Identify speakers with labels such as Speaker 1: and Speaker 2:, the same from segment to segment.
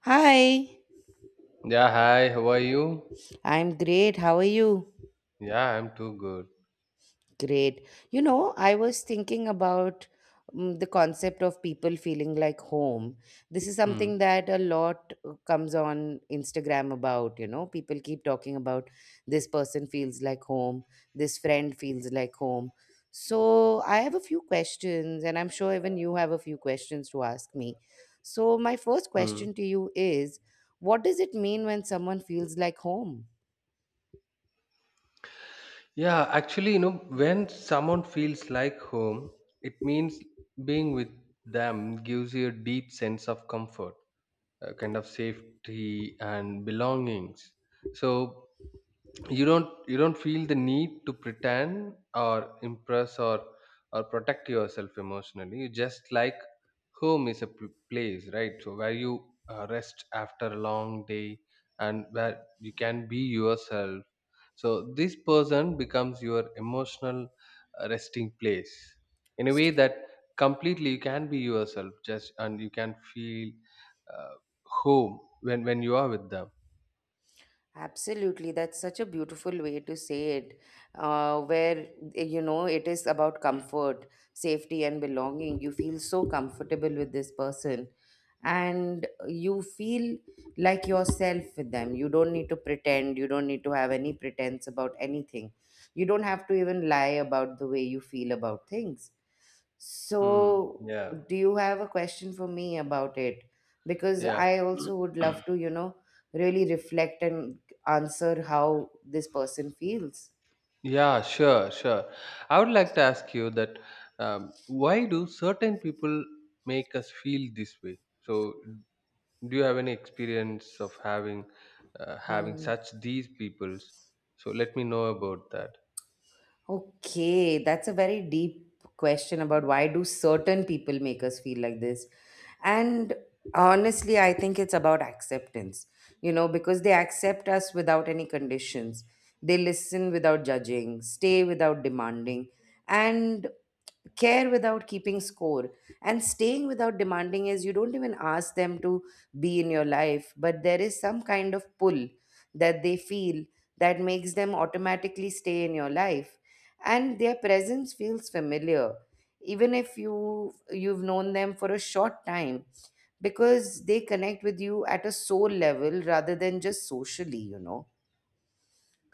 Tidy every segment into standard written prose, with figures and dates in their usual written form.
Speaker 1: Hi,
Speaker 2: Yeah, hi, how are you?
Speaker 1: I'm great. How are you?
Speaker 2: Yeah, I'm too good.
Speaker 1: Great. You know, I was thinking about the concept of people feeling like home. This is
Speaker 2: Hmm.
Speaker 1: something that a lot comes on Instagram about, you know. People keep talking about this person feels like home, this friend feels like home. So, I have a few questions, and I'm sure even you have a few questions to ask me. So, my first
Speaker 2: Hmm.
Speaker 1: question to you is, what does it mean when someone feels like home?
Speaker 2: Yeah, actually, you know, when someone feels like home, it means being with them gives you a deep sense of comfort, a kind of safety and belongings. So you don't feel the need to pretend or impress or protect yourself emotionally, you just like, home is a place, right? So where you rest after a long day and where you can be yourself, so this person becomes your emotional resting place in a way that completely you can be yourself just, and you can feel uh, home when you are with them.
Speaker 1: Absolutely, that's such a beautiful way to say it, uh, where you know, it is about comfort, safety, and belonging. You feel so comfortable with this person, and you feel like yourself with them. You don't need to pretend, you don't need to have any pretense about anything. You don't have to even lie about the way you feel about things,
Speaker 2: hmm.
Speaker 1: so,
Speaker 2: yeah
Speaker 1: do you have a question for me about it? Because
Speaker 2: yeah
Speaker 1: I also would love to, you know, really reflect and answer how this person feels.
Speaker 2: Yeah, sure. I would like to ask you that why do certain people make us feel this way? So, do you have any experience of having having
Speaker 1: Hmm.
Speaker 2: such these peoples? So, let me know about that.
Speaker 1: Okay, that's a very deep question about why do certain people make us feel like this? And honestly, I think it's about acceptance, you know, because they accept us without any conditions. They listen without judging, stay without demanding, and care without keeping score. And staying without demanding is you don't even ask them to be in your life, but there is some kind of pull that they feel that makes them automatically stay in your life, and their presence feels familiar even if you've known them for a short time, because they connect with you at a soul level rather than just socially, you know.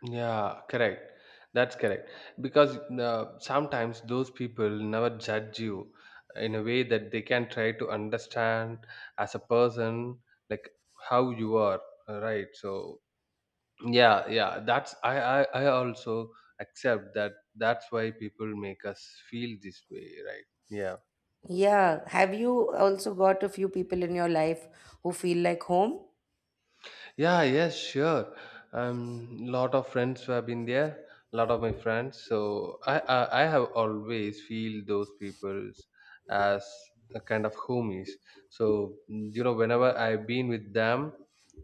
Speaker 2: Yeah, correct. That's correct. Because sometimes those people never judge you in a way that they can try to understand as a person, like how you are, right? So yeah, yeah, that's, I also accept that. That's why people make us feel this way, right? Yeah.
Speaker 1: Yeah. Have you also got a few people in your life who feel like home?
Speaker 2: Yeah, yes, sure. Lot of friends who have been there, lot of my friends. So I have always feel those peoples as a kind of homies. So you know, whenever I've been with them,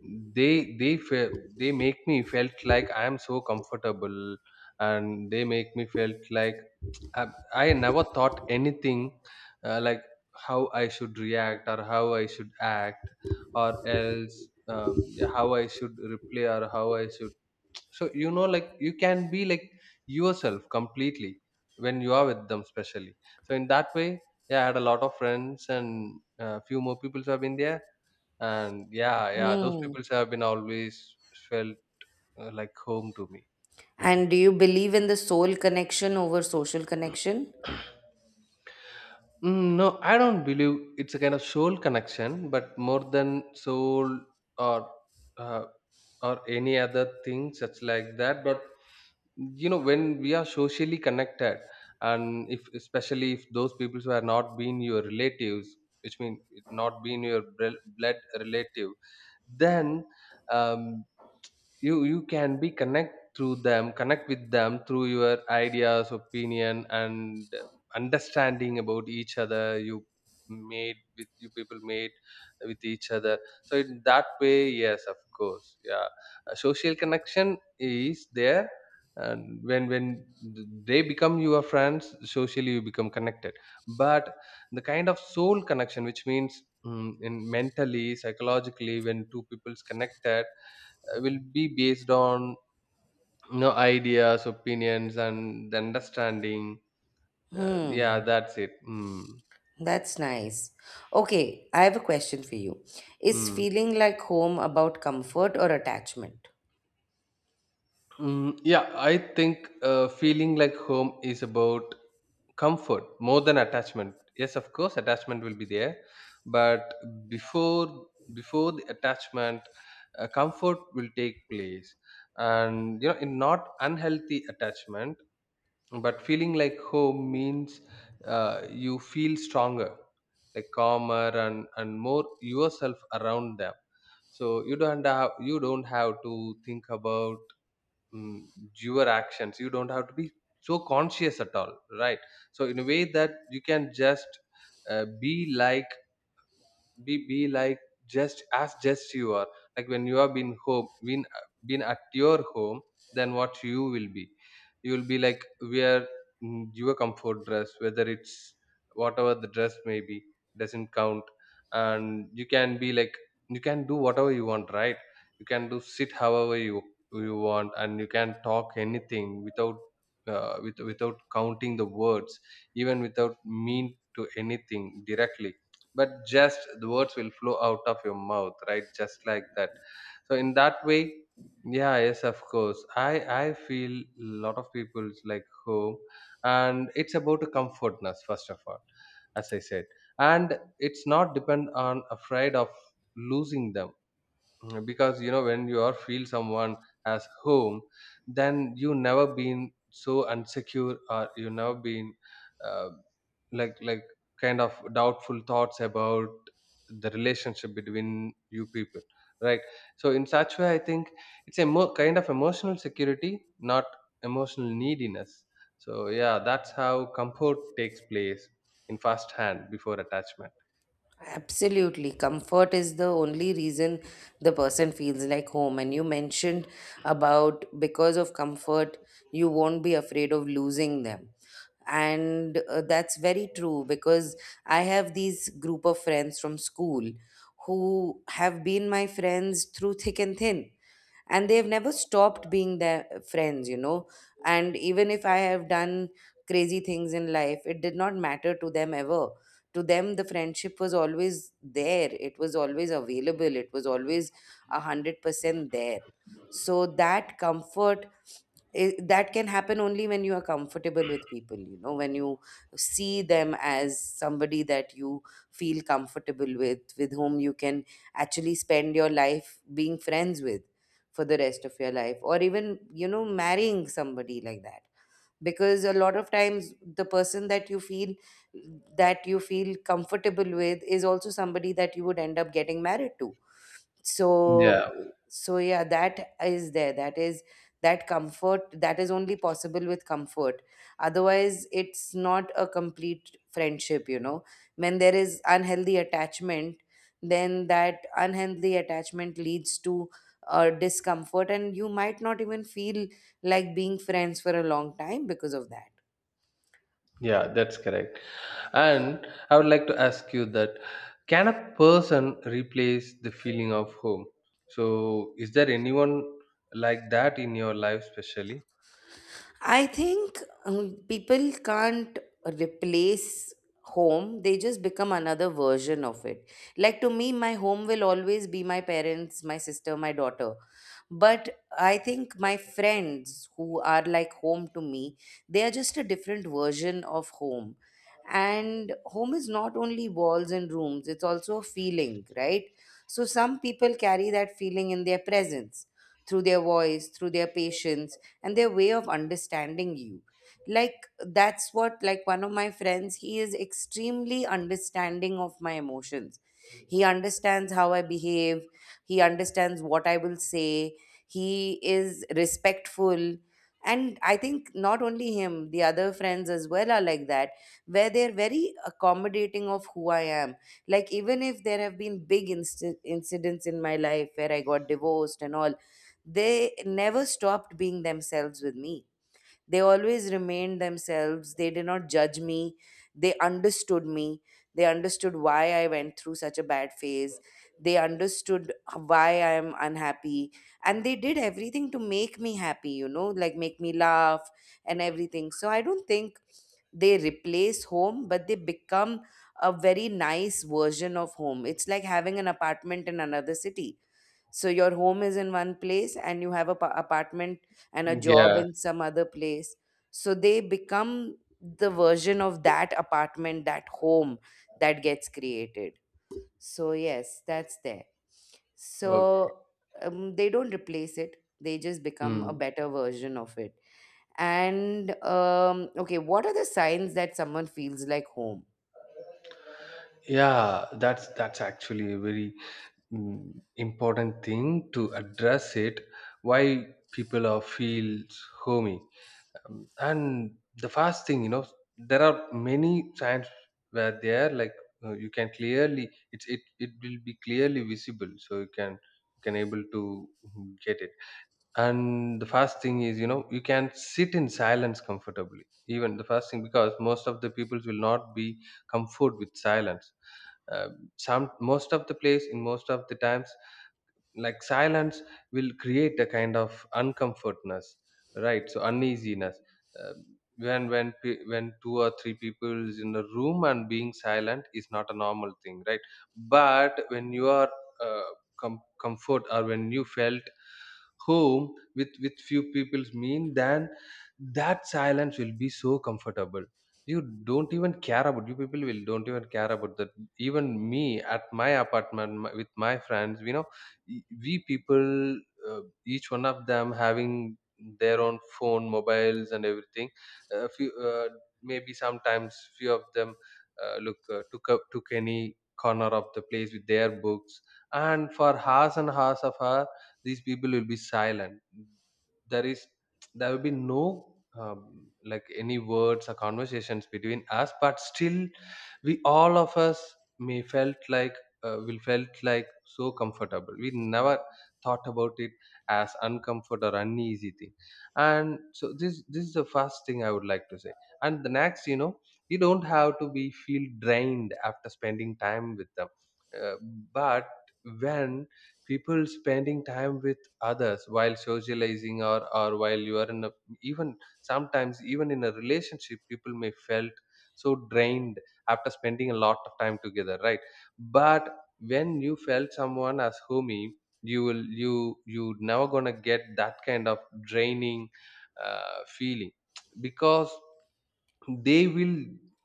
Speaker 2: they make me felt like I am so comfortable, and they make me felt like I, I never thought anything like how I should react or how I should act or else yeah, how I should replay or how I should. So you know, like you can be like yourself completely when you are with them, especially. So in that way, yeah, I had a lot of friends and a few more people have been there, and yeah, yeah, those
Speaker 1: Hmm.
Speaker 2: people have been always felt like home to me.
Speaker 1: And do you believe in the soul connection over social connection?
Speaker 2: No, I don't believe it's a kind of soul connection, but more than soul or uh, or any other thing such like that. But you know, when we are socially connected, and if especially if those people who are not been your relatives, which mean it not been your blood relative, then um, you can be connect through them, connect with them through your ideas, opinion and understanding about each other, you made with you people made with each other. So in that way, yes, of course, yeah. Social connection is there, and when they become your friends, socially you become connected, but the kind of soul connection, which means in mentally, psychologically, when two people's connected, will be based on, you know, ideas, opinions, and the understanding. Yeah,
Speaker 1: Hmm.
Speaker 2: that's it. Mm.
Speaker 1: That's nice. Okay, I have a question for you. Is
Speaker 2: Mm.
Speaker 1: feeling like home about comfort or attachment?
Speaker 2: Mm, yeah, I think feeling like home is about comfort more than attachment. Yes, of course, attachment will be there, but before before the attachment, comfort will take place, and you know, in not unhealthy attachment, but feeling like home means you feel stronger, like calmer and more yourself around them. So you don't have to think about mm your actions, you don't have to be so conscious at all, right? So in a way that you can just be like, be like, just as just you are, like when you have been home, been at your home, then what you will be, you will be like wear your comfort dress, whether it's, whatever the dress may be, doesn't count. And you can be like, you can do whatever you want, right? You can do sit however you want, and you can talk anything without with, without counting the words, even without mean to anything directly, but just the words will flow out of your mouth, right, just like that. So in that way, yeah, yes, of course, I feel a lot of people's like home, and it's about a comfortness first of all, as I said, and it's not depend on afraid of losing them. Mm, because you know, when you are feel someone as home, then you never been so insecure or you never been uh, like kind of doubtful thoughts about the relationship between you people, right? So in such way I think it's a more kind of emotional security, not emotional neediness. So yeah, that's how comfort takes place in first hand before attachment.
Speaker 1: Absolutely. Comfort is the only reason the person feels like home. And you mentioned about because of comfort, you won't be afraid of losing them. And that's very true because I have these group of friends from school who have been my friends through thick and thin. And they've never stopped being their friends, you know. And even if I have done crazy things in life, it did not matter to them ever. To them the friendship was always there, it was always available, it was always 100% there. So that comfort, that can happen only when you are comfortable with people, you know, when you see them as somebody that you feel comfortable with whom you can actually spend your life being friends with for the rest of your life, or even, you know, marrying somebody like that. Because a lot of times the person that you feel comfortable with is also somebody that you would end up getting married to. So, so yeah, that is there. That comfort, that is only possible with comfort. Otherwise it's not a complete friendship, you know. When there is unhealthy attachment, then that unhealthy attachment leads to discomfort, and you might not even feel like being friends for a long time because of that.
Speaker 2: Yeah, that's correct. And I would like to ask you that, can a person replace the feeling of home? So, is there anyone like that in your life, especially?
Speaker 1: I think people can't replace home, they just become another version of it. Like to me, my home will always be my parents, my sister, my daughter. But I think my friends who are like home to me, they are just a different version of home. And home is not only walls and rooms, it's also a feeling, right? So some people carry that feeling in their presence, through their voice, through their patience and their way of understanding you. Like that's what, like, one of my friends, he is extremely understanding of my emotions. He understands how I behave, he understands what I will say, he is respectful. And I think not only him, the other friends as well are like that, where they're very accommodating of who I am. Like even if there have been big incidents in my life where I got divorced and all, they never stopped being themselves with me. They always remained themselves. They did not judge me. They understood me. They understood why I went through such a bad phase. They understood why I am unhappy. And they did everything to make me happy, you know, like make me laugh and everything. So I don't think they replace home, but they become a very nice version of home. It's like having an apartment in another city, so your home is in one place and you have a apartment and a job
Speaker 2: Yeah.
Speaker 1: in some other place. So they become the version of that apartment, that home that gets created. So yes, that's there.
Speaker 2: Okay.
Speaker 1: So they don't replace it. They just become a
Speaker 2: Mm.
Speaker 1: better version of it. And okay, what are the signs that someone feels like home?
Speaker 2: Yeah, that's actually a very important thing to address it. Why people are feels homey. And the first thing, you know, there are many signs where they are like, you can clearly, it will be clearly visible, so you can, you can able to get it. And the first thing is, you know, you can sit in silence comfortably, even the first thing, because most of the peoples will not be comfort with silence. Uh, some most of the place, in most of the times, like silence will create a kind of uncomfortness, right, so uneasiness. Uh, when two or three people is in a room and being silent is not a normal thing, right? But when you are uh, comfort, or when you felt home with few people's mean, then that silence will be so comfortable. You don't even care about, you people will don't even care about that. Even me at my apartment, my, with my friends, you know, we people, each one of them having their own phone mobiles and everything, a few maybe sometimes few of them look took up took any corner of the place with their books, and for hours and hours of her, these people will be silent. There is, there will be no like any words or conversations between us, but still we all of us may felt like, we felt like so comfortable, we never thought about it as uncomfort or uneasy thing. And so this is the first thing I would like to say. And the next, you know, you don't have to be feel drained after spending time with them. Uh, but when people spending time with others while socializing, or while you are in a, even sometimes even in a relationship, people may felt so drained after spending a lot of time together, right? But when you felt someone as homey, you will, you never gonna get that kind of draining feeling, because they will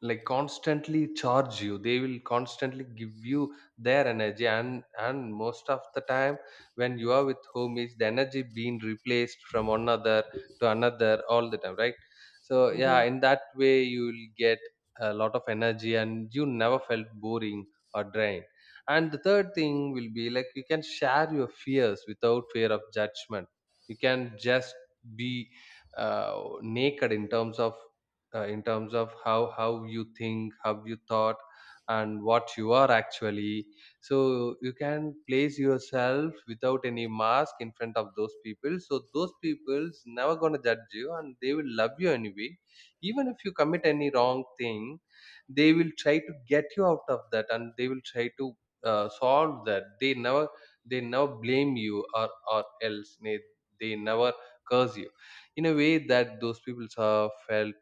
Speaker 2: like constantly charge you, they will constantly give you their energy, and most of the time when you are with homies, the energy being replaced from one other to another all the time, right? So yeah,
Speaker 1: Mm-hmm.
Speaker 2: in that way you will get a lot of energy and you never felt boring or drained. And the third thing will be like, you can share your fears without fear of judgment. You can just be naked in terms of, in terms of how you think, how you thought, and what you are actually. So you can place yourself without any mask in front of those people, so those people's never going to judge you, and they will love you anyway. Even if you commit any wrong thing, they will try to get you out of that, and they will try to solve that. They never they never blame you, or else they never curse you, in a way that those people have felt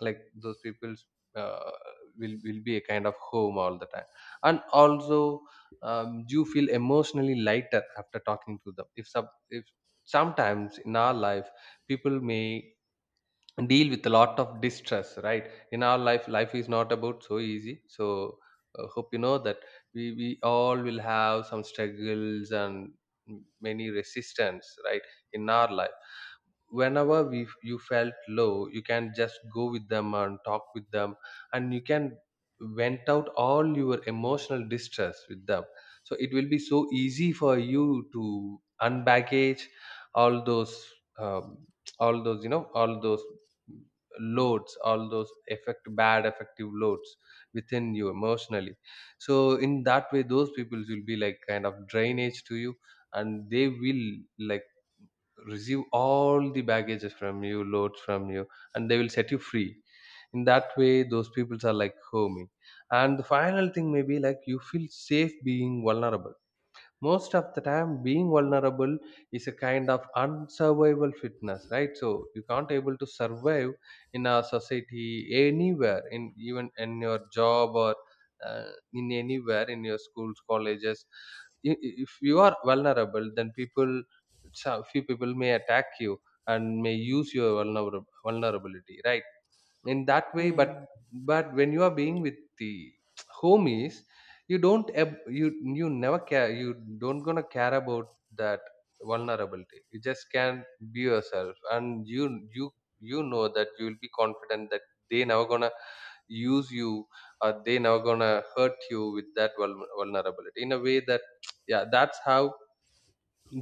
Speaker 2: like those people's uh, will be a kind of home all the time. And also, you feel emotionally lighter after talking to them. If some if sometimes in our life, people may deal with a lot of distress, right? In our life, life is not about so easy, so hope you know that we all will have some struggles and many resistance, right, in our life. Whenever we you felt low, you can just go with them and talk with them, and you can vent out all your emotional distress with them. So it will be so easy for you to unbaggage all those um, all those, you know, all those loads, all those effect bad effective loads within you emotionally. So in that way, those people will be like kind of drainage to you, and they will like receive all the baggages from you, loads from you, and they will set you free. In that way, those peoples are like homey. And the final thing may be like, you feel safe being vulnerable. Most of the time, being vulnerable is a kind of unsurvival fitness, right? So you can't able to survive in a society anywhere in even in your job or in anywhere in your schools colleges if you are vulnerable then people some few people may attack you and may use your vulnerability, right? In that way,
Speaker 1: Hmm.
Speaker 2: but when you are being with the homies, you don't ab- you never care, you don't gonna care about that vulnerability. You just can be yourself and you you know that you will be confident that they never gonna use you or they never gonna hurt you with that vulnerability in a way that yeah, that's how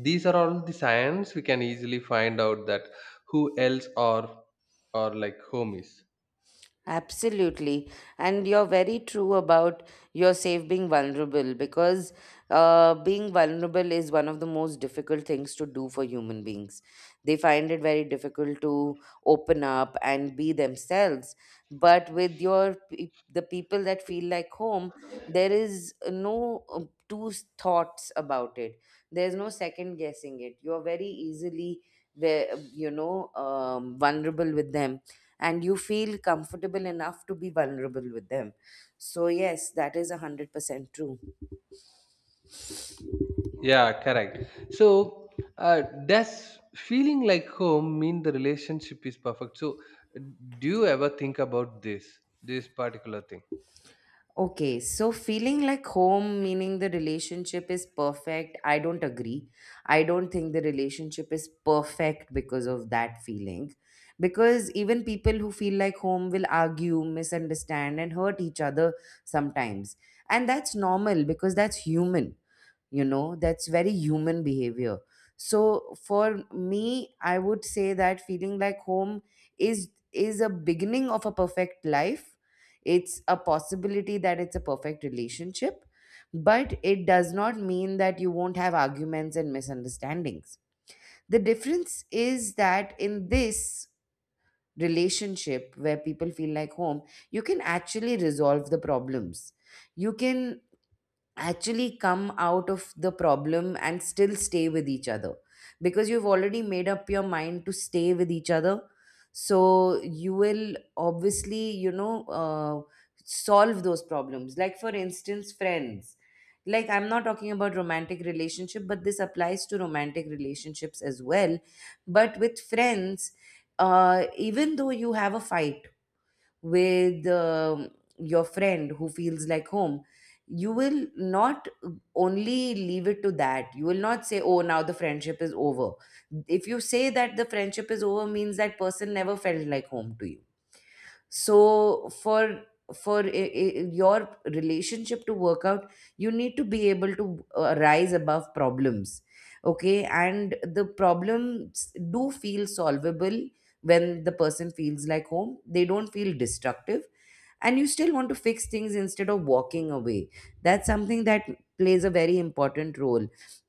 Speaker 2: these are all the signs we can easily find out that who else are like homies.
Speaker 1: Absolutely. And you're very true about yourself being vulnerable, because being vulnerable is one of the most difficult things to do for human beings. They find it very difficult to open up and be themselves. But with your the people that feel like home, there is no two thoughts about it. There's no second guessing it. You're very easily, you know, vulnerable with them, and you feel comfortable enough to be vulnerable with them. So, yes, that is 100% true.
Speaker 2: Yeah, correct. So, does feeling like home mean the relationship is perfect? So, uh, do you ever think about this particular thing?
Speaker 1: Okay, so feeling like home, meaning the relationship is perfect, I don't agree. I don't think the relationship is perfect because of that feeling. Because even people who feel like home will argue, misunderstand, and hurt each other sometimes. And that's normal because that's human. You know, that's very human behavior. So for me, I would say that feeling like home is a beginning of a perfect life. It's a possibility that it's a perfect relationship, but it does not mean that you won't have arguments and misunderstandings. The difference is that in this relationship where people feel like home, you can actually resolve the problems. You can actually come out of the problem and still stay with each other, because you've already made up your mind to stay with each other. So you will obviously, you know, solve those problems. Like for instance, friends, like I'm not talking about romantic relationship, but this applies to romantic relationships as well. But with friends, even though you have a fight with your friend who feels like home, you will not only leave it to that. You will not say, oh, now the friendship is over. If you say that the friendship is over means that person never felt like home to you. So for, your relationship to work out, you need to be able to rise above problems. Okay, and the problems do feel solvable. When the person feels like home, they don't feel destructive, and you still want to fix things instead of walking away. That's something that plays a very important role,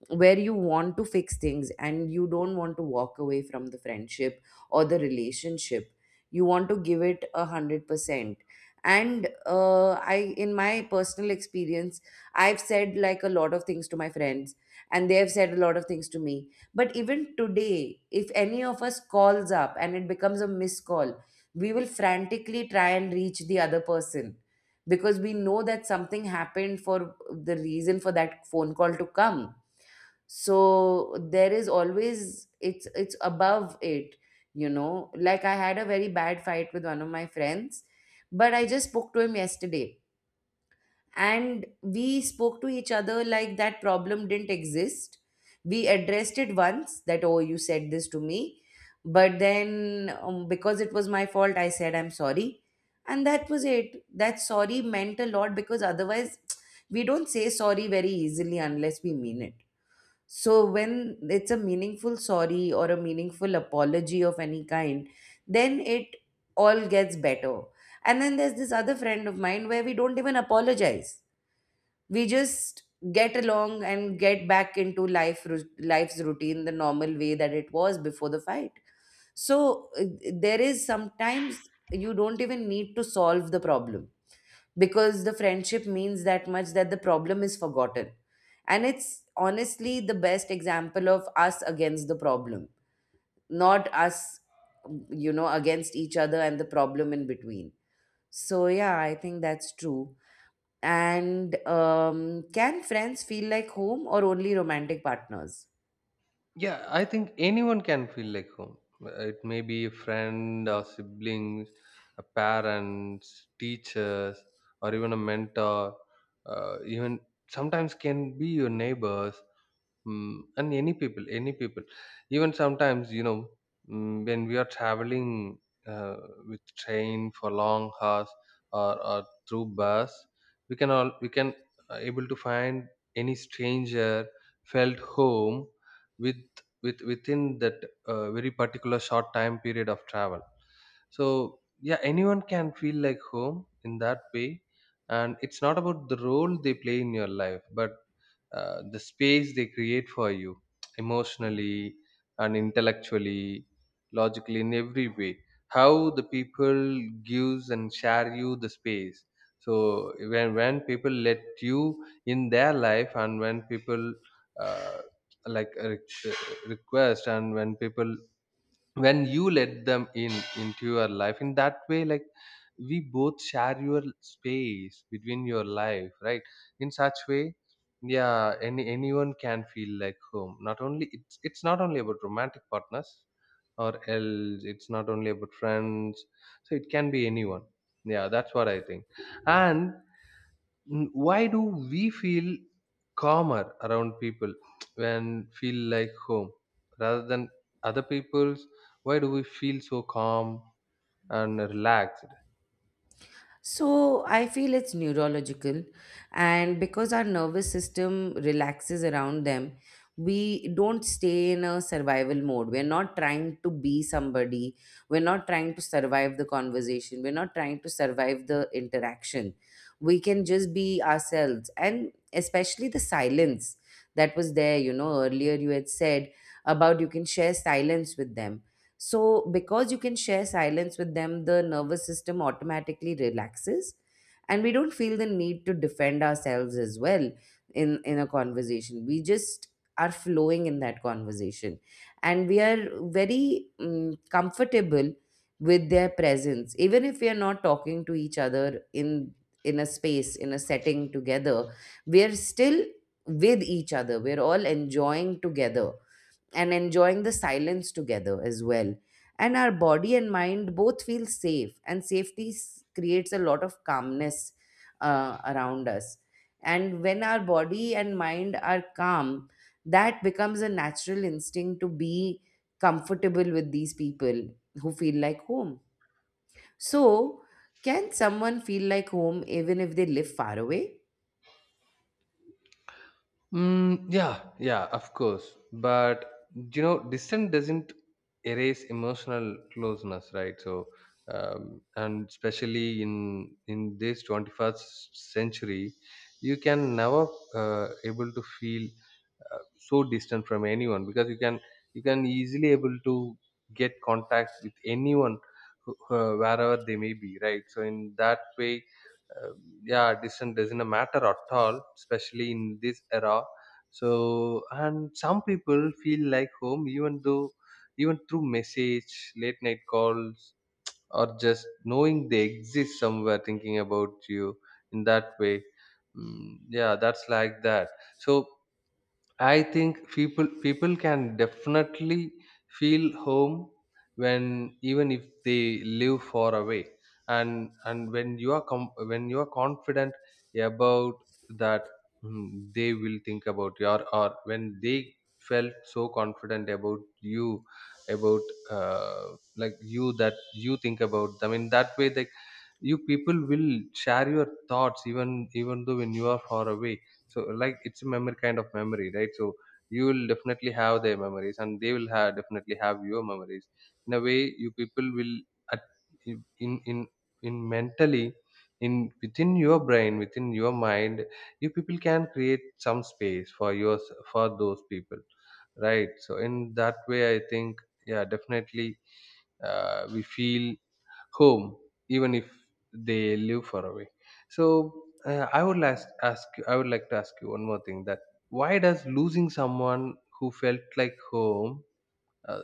Speaker 1: where you want to fix things and you don't want to walk away from the friendship or the relationship. You want to give it 100%. And I, in my personal experience, I've said like a lot of things to my friends, and they have said a lot of things to me. But even today if any of us calls up and it becomes a missed call, we will frantically try and reach the other person, because we know that something happened for the reason for that phone call to come. So there is always, it's above it. You know, like I had a very bad fight with one of my friends, but I just spoke to him yesterday, and we spoke to each other like that problem didn't exist. We addressed it once, that oh you said this to me, but then because it was my fault I said I'm sorry, and that was it. That sorry meant a lot because otherwise we don't say sorry very easily unless we mean it. So when it's a meaningful sorry or a meaningful apology of any kind, then it all gets better. And then there's this other friend of mine where we don't even apologize. We just get along and get back into life life's routine, the normal way that it was before the fight. So there is, sometimes you don't even need to solve the problem, because the friendship means that much that the problem is forgotten. And it's honestly the best example of us against the problem, not us, you know, against each other and the problem in between. So yeah, I think that's true. And can friends feel like home or only romantic partners?
Speaker 2: Yeah, I think anyone can feel like home. It may be a friend or siblings, a parents, teachers, or even a mentor, even sometimes can be your neighbors. Mm, and any people, even sometimes, you know, mm, when we are traveling uh, with train for long hours or through bus, we can able to find any stranger felt home with within that very particular short time period of travel. So yeah, anyone can feel like home in that way, and it's not about the role they play in your life, but the space they create for you emotionally and intellectually logically in every way how the people gives and share you the space. So when people let you in their life and when people uh, like request and when people when you let them in into your life in that way like we both share your space between your life, right? In such way, yeah, anyone can feel like home. Not only it's not only about romantic partners or else it's not only about friends. So it can be anyone. Yeah, that's what I think. And mm, why do we feel calmer around people when feel like home rather than other people's? Why do we feel so calm and relaxed?
Speaker 1: So I feel it's neurological, and because our nervous system relaxes around them, we don't stay in a survival mode. We're not trying to be somebody, we're not trying to survive the conversation, we're not trying to survive the interaction. We can just be ourselves, and especially the silence that was there. You know, earlier you had said about you can share silence with them. So, because you can share silence with them, the nervous system automatically relaxes and we don't feel the need to defend ourselves as well in a conversation. We just are flowing in that conversation and we are very comfortable with their presence even if we are not talking to each other in a space, in a setting together, we are still with each other, we're all enjoying together and enjoying the silence together as well. And our body and mind both feel safe, and creates a lot of calmness around us. And when our body and mind are calm, that becomes a natural instinct to be comfortable with these people who feel like home. So, can someone feel like home even if they live far away?
Speaker 2: Mm, yeah, of course, but you know distance doesn't erase emotional closeness, right? So and especially in this 21st century you can never able to feel so distant from anyone because you can easily able to get contact with anyone wherever they may be, right? So in that way, uh, yeah, distance doesn't matter at all, especially in this era. So and some people feel like home even though even through message, late night calls, or just knowing they exist somewhere thinking about you in that way. Mm, yeah, that's like that. So I think people can definitely feel home when even if they live far away. And when you are when you are confident about that mm, they will think about you or when they felt so confident about you about like you that you think about them in that way like you people will share your thoughts even even though when you are far away. So like it's a memory, kind of memory, right? So you will definitely have their memories and they will have definitely have your memories. In a way, you people will at, in in mentally in within your brain within your mind, you people can create some space for yours for those people, right? So in that way, I think yeah, definitely we feel home even if they live far away. So I would last ask you. I would like to ask you one more thing: that why does losing someone who felt like home uh,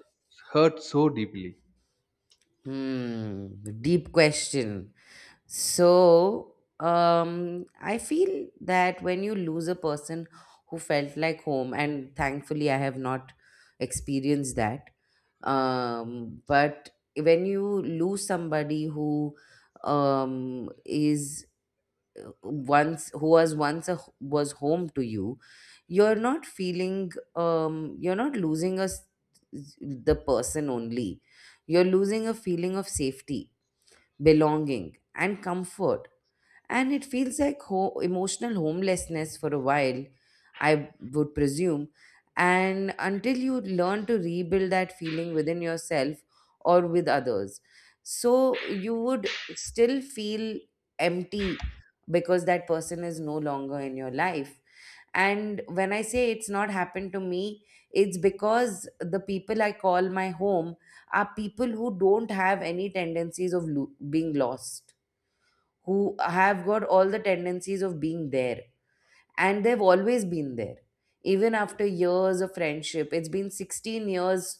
Speaker 2: hurt so deeply?
Speaker 1: Hmm, deep question. So, I feel that when you lose a person who felt like home, and thankfully I have not experienced that, but when you lose somebody who is once who was once a was home to you, you're not feeling um you're not losing us, the person only, you're losing a feeling of safety, belonging, and comfort. And it feels like emotional homelessness for a while, I would presume. And until you learn to rebuild that feeling within yourself or with others, so you would still feel empty because that person is no longer in your life. And when I say it's not happened to me, it's because the people I call my home are people who don't have any tendencies of being lost, who have got all the tendencies of being there, and they've always been there. Even after years of friendship, it's been 16 years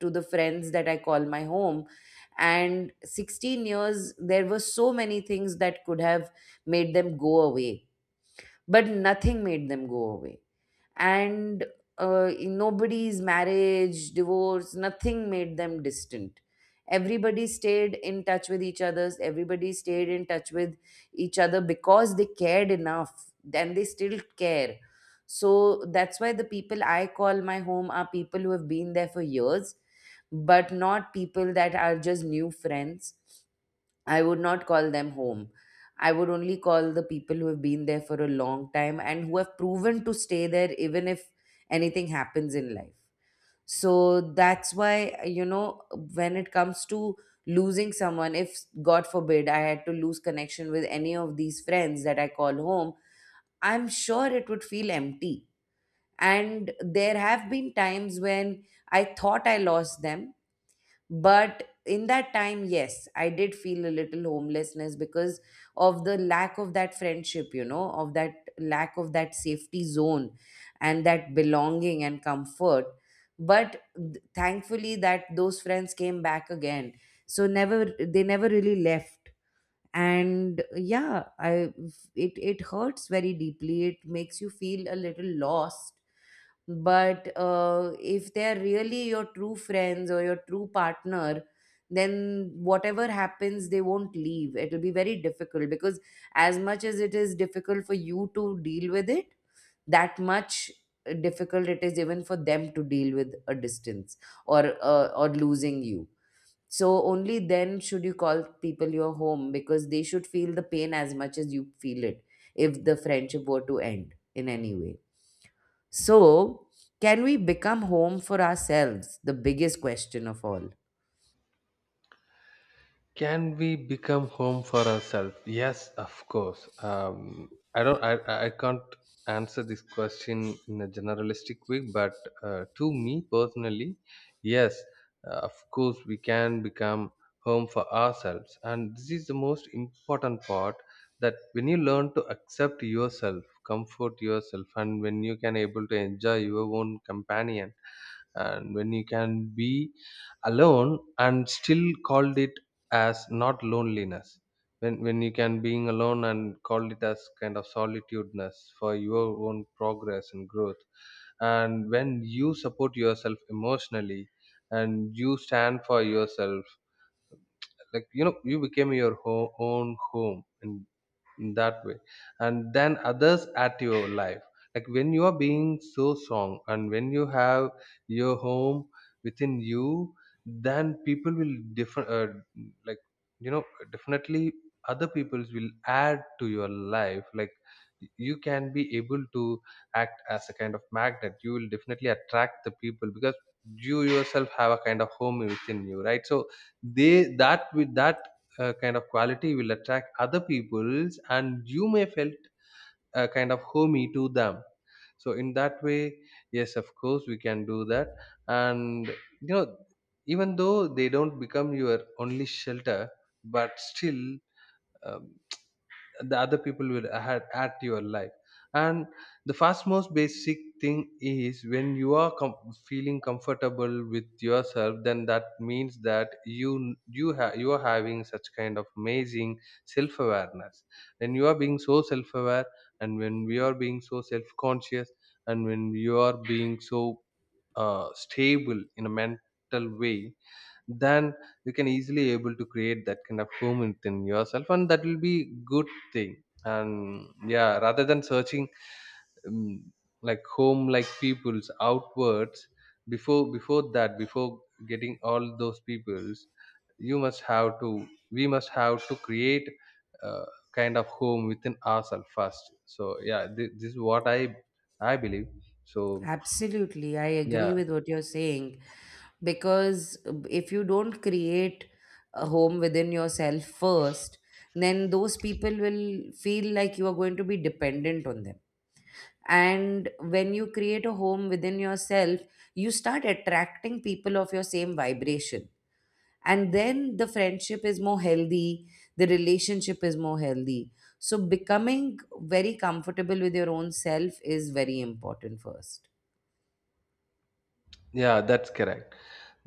Speaker 1: to the friends that I call my home, and 16 years there were so many things that could have made them go away, but nothing made them go away. And in nobody's marriage, divorce, nothing made them distant. Everybody stayed in touch with each others. Everybody stayed in touch with each other because they cared enough, and they still care. So that's why the people I call my home are people who have been there for years, but not people that are just new friends. I would not call them home. I would only call the people who have been there for a long time and who have proven to stay there even if anything happens in life. So that's why, you know, when it comes to losing someone, if God forbid I had to lose connection with any of these friends that I call home, I'm sure it would feel empty. And there have been times when I thought I lost them, but in that time, yes, I did feel a little homelessness because of the lack of that friendship, you know, of that lack of that safety zone and that belonging and comfort. But thankfully, that those friends came back again. So never, they never really left. And yeah, I, it hurts very deeply, it makes you feel a little lost, but if they're really your true friends or your true partner, then whatever happens they won't leave. It'll be very difficult because as much as it is difficult for you to deal with it, that much difficult it is even for them to deal with a distance or losing you. So only then should you call people your home because they should feel the pain as much as you feel it if the friendship were to end in any way. So, can we become home for ourselves? The biggest question of all.
Speaker 2: Can we become home for ourselves? Yes, of course. I don't. I can't answer this question in a generalistic way, but to me personally, yes, of course we can become home for ourselves, and this is the most important part. That when you learn to accept yourself, comfort yourself, and when you can able to enjoy your own companion, and when you can be alone and still called it as not loneliness, when you can being alone and call it as kind of solitudeness for your own progress and growth, and when you support yourself emotionally and you stand for yourself, like you know, you became your own home in that way. And then others at your life, like when you are being so strong and when you have your home within you, then people will different like you know, definitely other peoples will add to your life. Like you can be able to act as a kind of magnet. You will definitely attract the people because you yourself have a kind of home within you, right? So they, that with that kind of quality will attract other people's and you may felt kind of homey to them. So in that way, yes, of course we can do that. And you know, even though they don't become your only shelter, but still um, the other people will add at your life. And the first most basic thing is when you are feeling comfortable with yourself, then that means that you have you are having such kind of amazing self awareness. When you are being so self aware and when we are being so self conscious and when you are being so stable in a mental way, then you can easily able to create that kind of home within yourself, and that will be good thing. And yeah, rather than searching um, like home like people's outwards, before that before getting all those people's, you must have to, we must have to create a kind of home within ourselves first. So yeah, this is what I believe. So
Speaker 1: Absolutely. I
Speaker 2: yeah.
Speaker 1: agree with what you're saying because if you don't create a home within yourself first, then those people will feel like you are going to be dependent on them. And when you create a home within yourself, you start attracting people of your same vibration, and then the friendship is more healthy, the relationship is more healthy. So becoming very comfortable with your own self is very important first.
Speaker 2: Yeah, that's correct.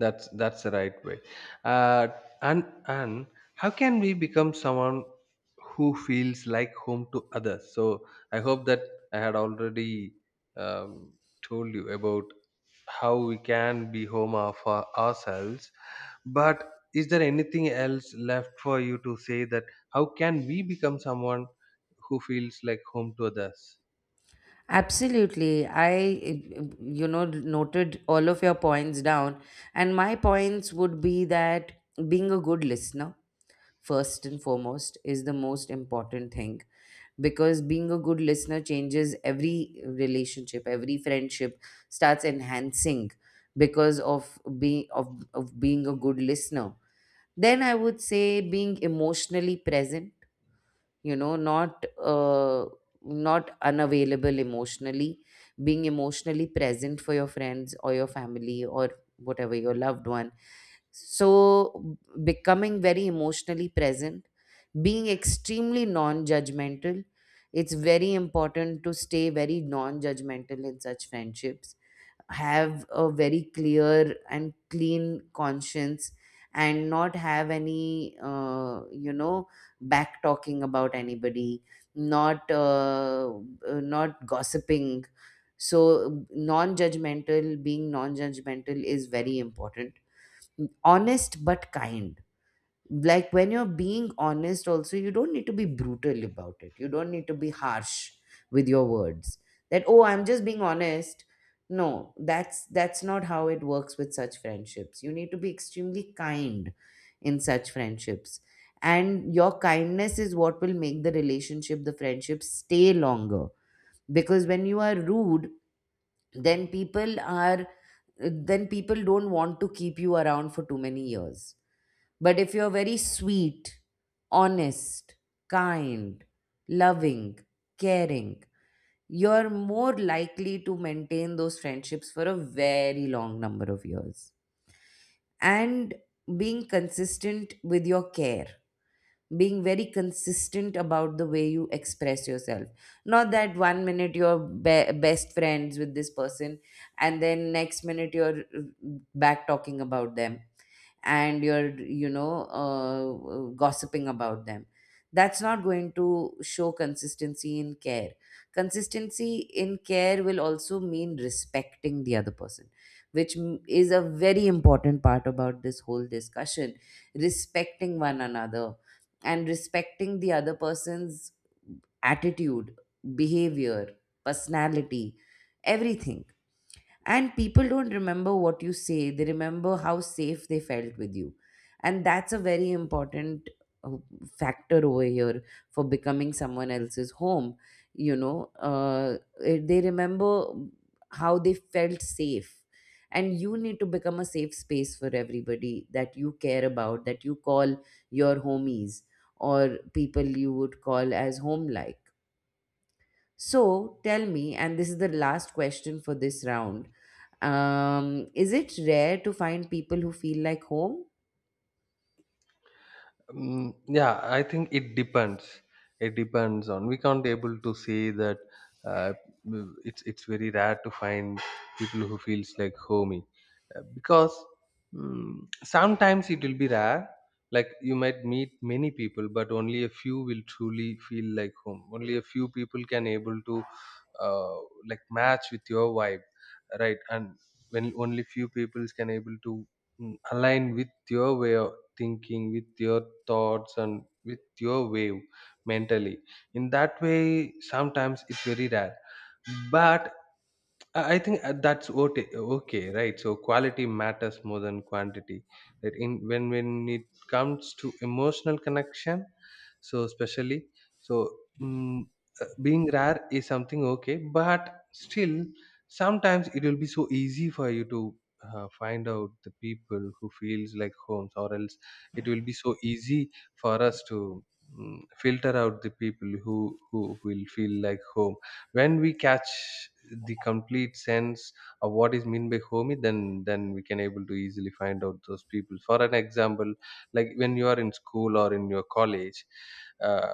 Speaker 2: That's the right way. uh, and how can we become someone who feels like home to others? So I hope that I had already um, told you about how we can be home of ourselves. But is there anything else left for you to say that how can we become someone who feels like home to others?
Speaker 1: Absolutely. I, you know, noted all of your points down. And my points would be that being a good listener, first and foremost, is the most important thing because being a good listener changes every relationship, every friendship starts enhancing because of of being a good listener. Then I would say being emotionally present, you know, not not unavailable emotionally, being emotionally present for your friends or your family or whatever your loved one. So becoming very emotionally present, being extremely non-judgmental, it's very important to stay very non-judgmental in such friendships. Have a very clear and clean conscience and not have any you know, back talking about anybody, not not gossiping. So non-judgmental, being non-judgmental is very important. Honest but kind, like when you're being honest also you don't need to be brutal about it, you don't need to be harsh with your words, that oh, I'm just being honest. No, that's not how it works with such friendships. You need to be extremely kind in such friendships, and your kindness is what will make the relationship, the friendship stay longer, because when you are rude, then people are then people don't want to keep you around for too many years. But if you're very sweet, honest, kind, loving, caring, you're more likely to maintain those friendships for a very long number of years. And being consistent with your care, being very consistent about the way you express yourself. Not that one minute you're best friends with this person, and then next minute you're back talking about them, and you're, you know, gossiping about them. That's not going to show consistency in care. Consistency in care will also mean respecting the other person, which is a very important part about this whole discussion. Respecting one another, and respecting the other person's attitude, behavior, personality, everything. And people don't remember what you say, they remember how safe they felt with you. And that's a very important uh, factor over here for becoming someone else's home. You know, they remember how they felt safe. And you need to become a safe space for everybody that you care about, that you call your homies, or people you would call as home like. So tell me, and this is the last question for this round. Is it rare to find people who feel like home?
Speaker 2: Mm, yeah, I think it depends. It depends on. We can't able to say that. Uh, mm, it's very rare to find people who feels like homey, because mm, sometimes it will be rare. Like you might meet many people, but only a few will truly feel like home. Only a few people can able to uh, like match with your vibe, right? And when only few people can able to mm, align with your way of thinking, with your thoughts and with your wave mentally, in that way sometimes it's very rare. But I think that's okay, okay, right? So quality matters more than quantity, that in when it comes to emotional connection. So especially, so mm, being rare is something okay, but still sometimes it will be so easy for you to find out the people who feels like homes, or else it will be so easy for us to mm, filter out the people who will feel like home. When we catch the complete sense of what is meant by home, then we can able to easily find out those people. For an example, like when you are in school or in your college, uh,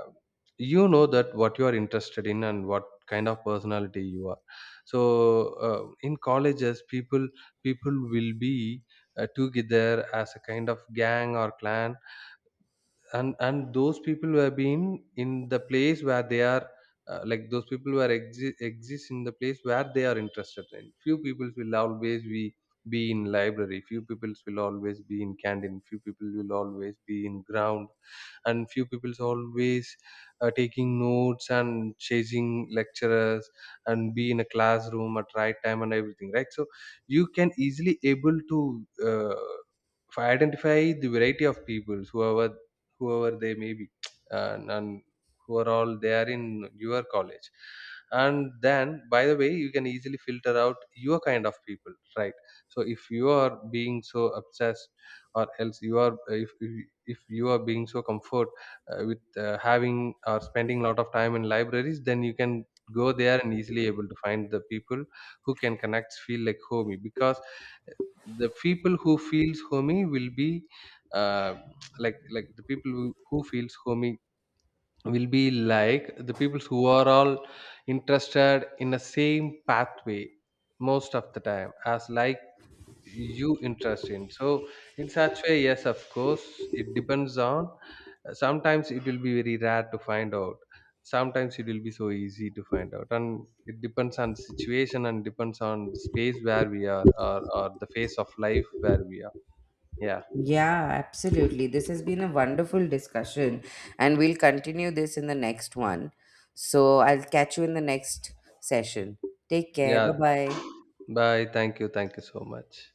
Speaker 2: you know that what you are interested in and what kind of personality you are. So in colleges, people will be together as a kind of gang or clan. And those people who have been in the place where they are like those people who are exist in the place where they are interested in, few people will always be in library, few people will always be in canteen, few people will always be in ground, and few people always taking notes and chasing lecturers, and be in a classroom at right time and everything, right? So you can easily able to uh, if I identify the variety of people, whoever whoever they may be, and who are all they are in your college, and then by the way, you can easily filter out your kind of people, right? So if you are being so obsessed, or else you are if you are being so comfort with having or spending a lot of time in libraries, then you can go there and easily able to find the people who can connect, feel like homey, because the people who feels homey will be uh, like the people who feels homey will be like the people who are all interested in the same pathway most of the time as like you interest in. So in such way, yes, of course it depends on sometimes it will be very rare to find out, sometimes it will be so easy to find out, and it depends on the situation and depends on the space where we are or the phase of life where we are. Yeah.
Speaker 1: Yeah, absolutely. This has been a wonderful discussion, and we'll continue this in the next one. So I'll catch you in the next session. Take care.
Speaker 2: Yeah,
Speaker 1: Bye bye.
Speaker 2: bye. Thank you, thank you so much.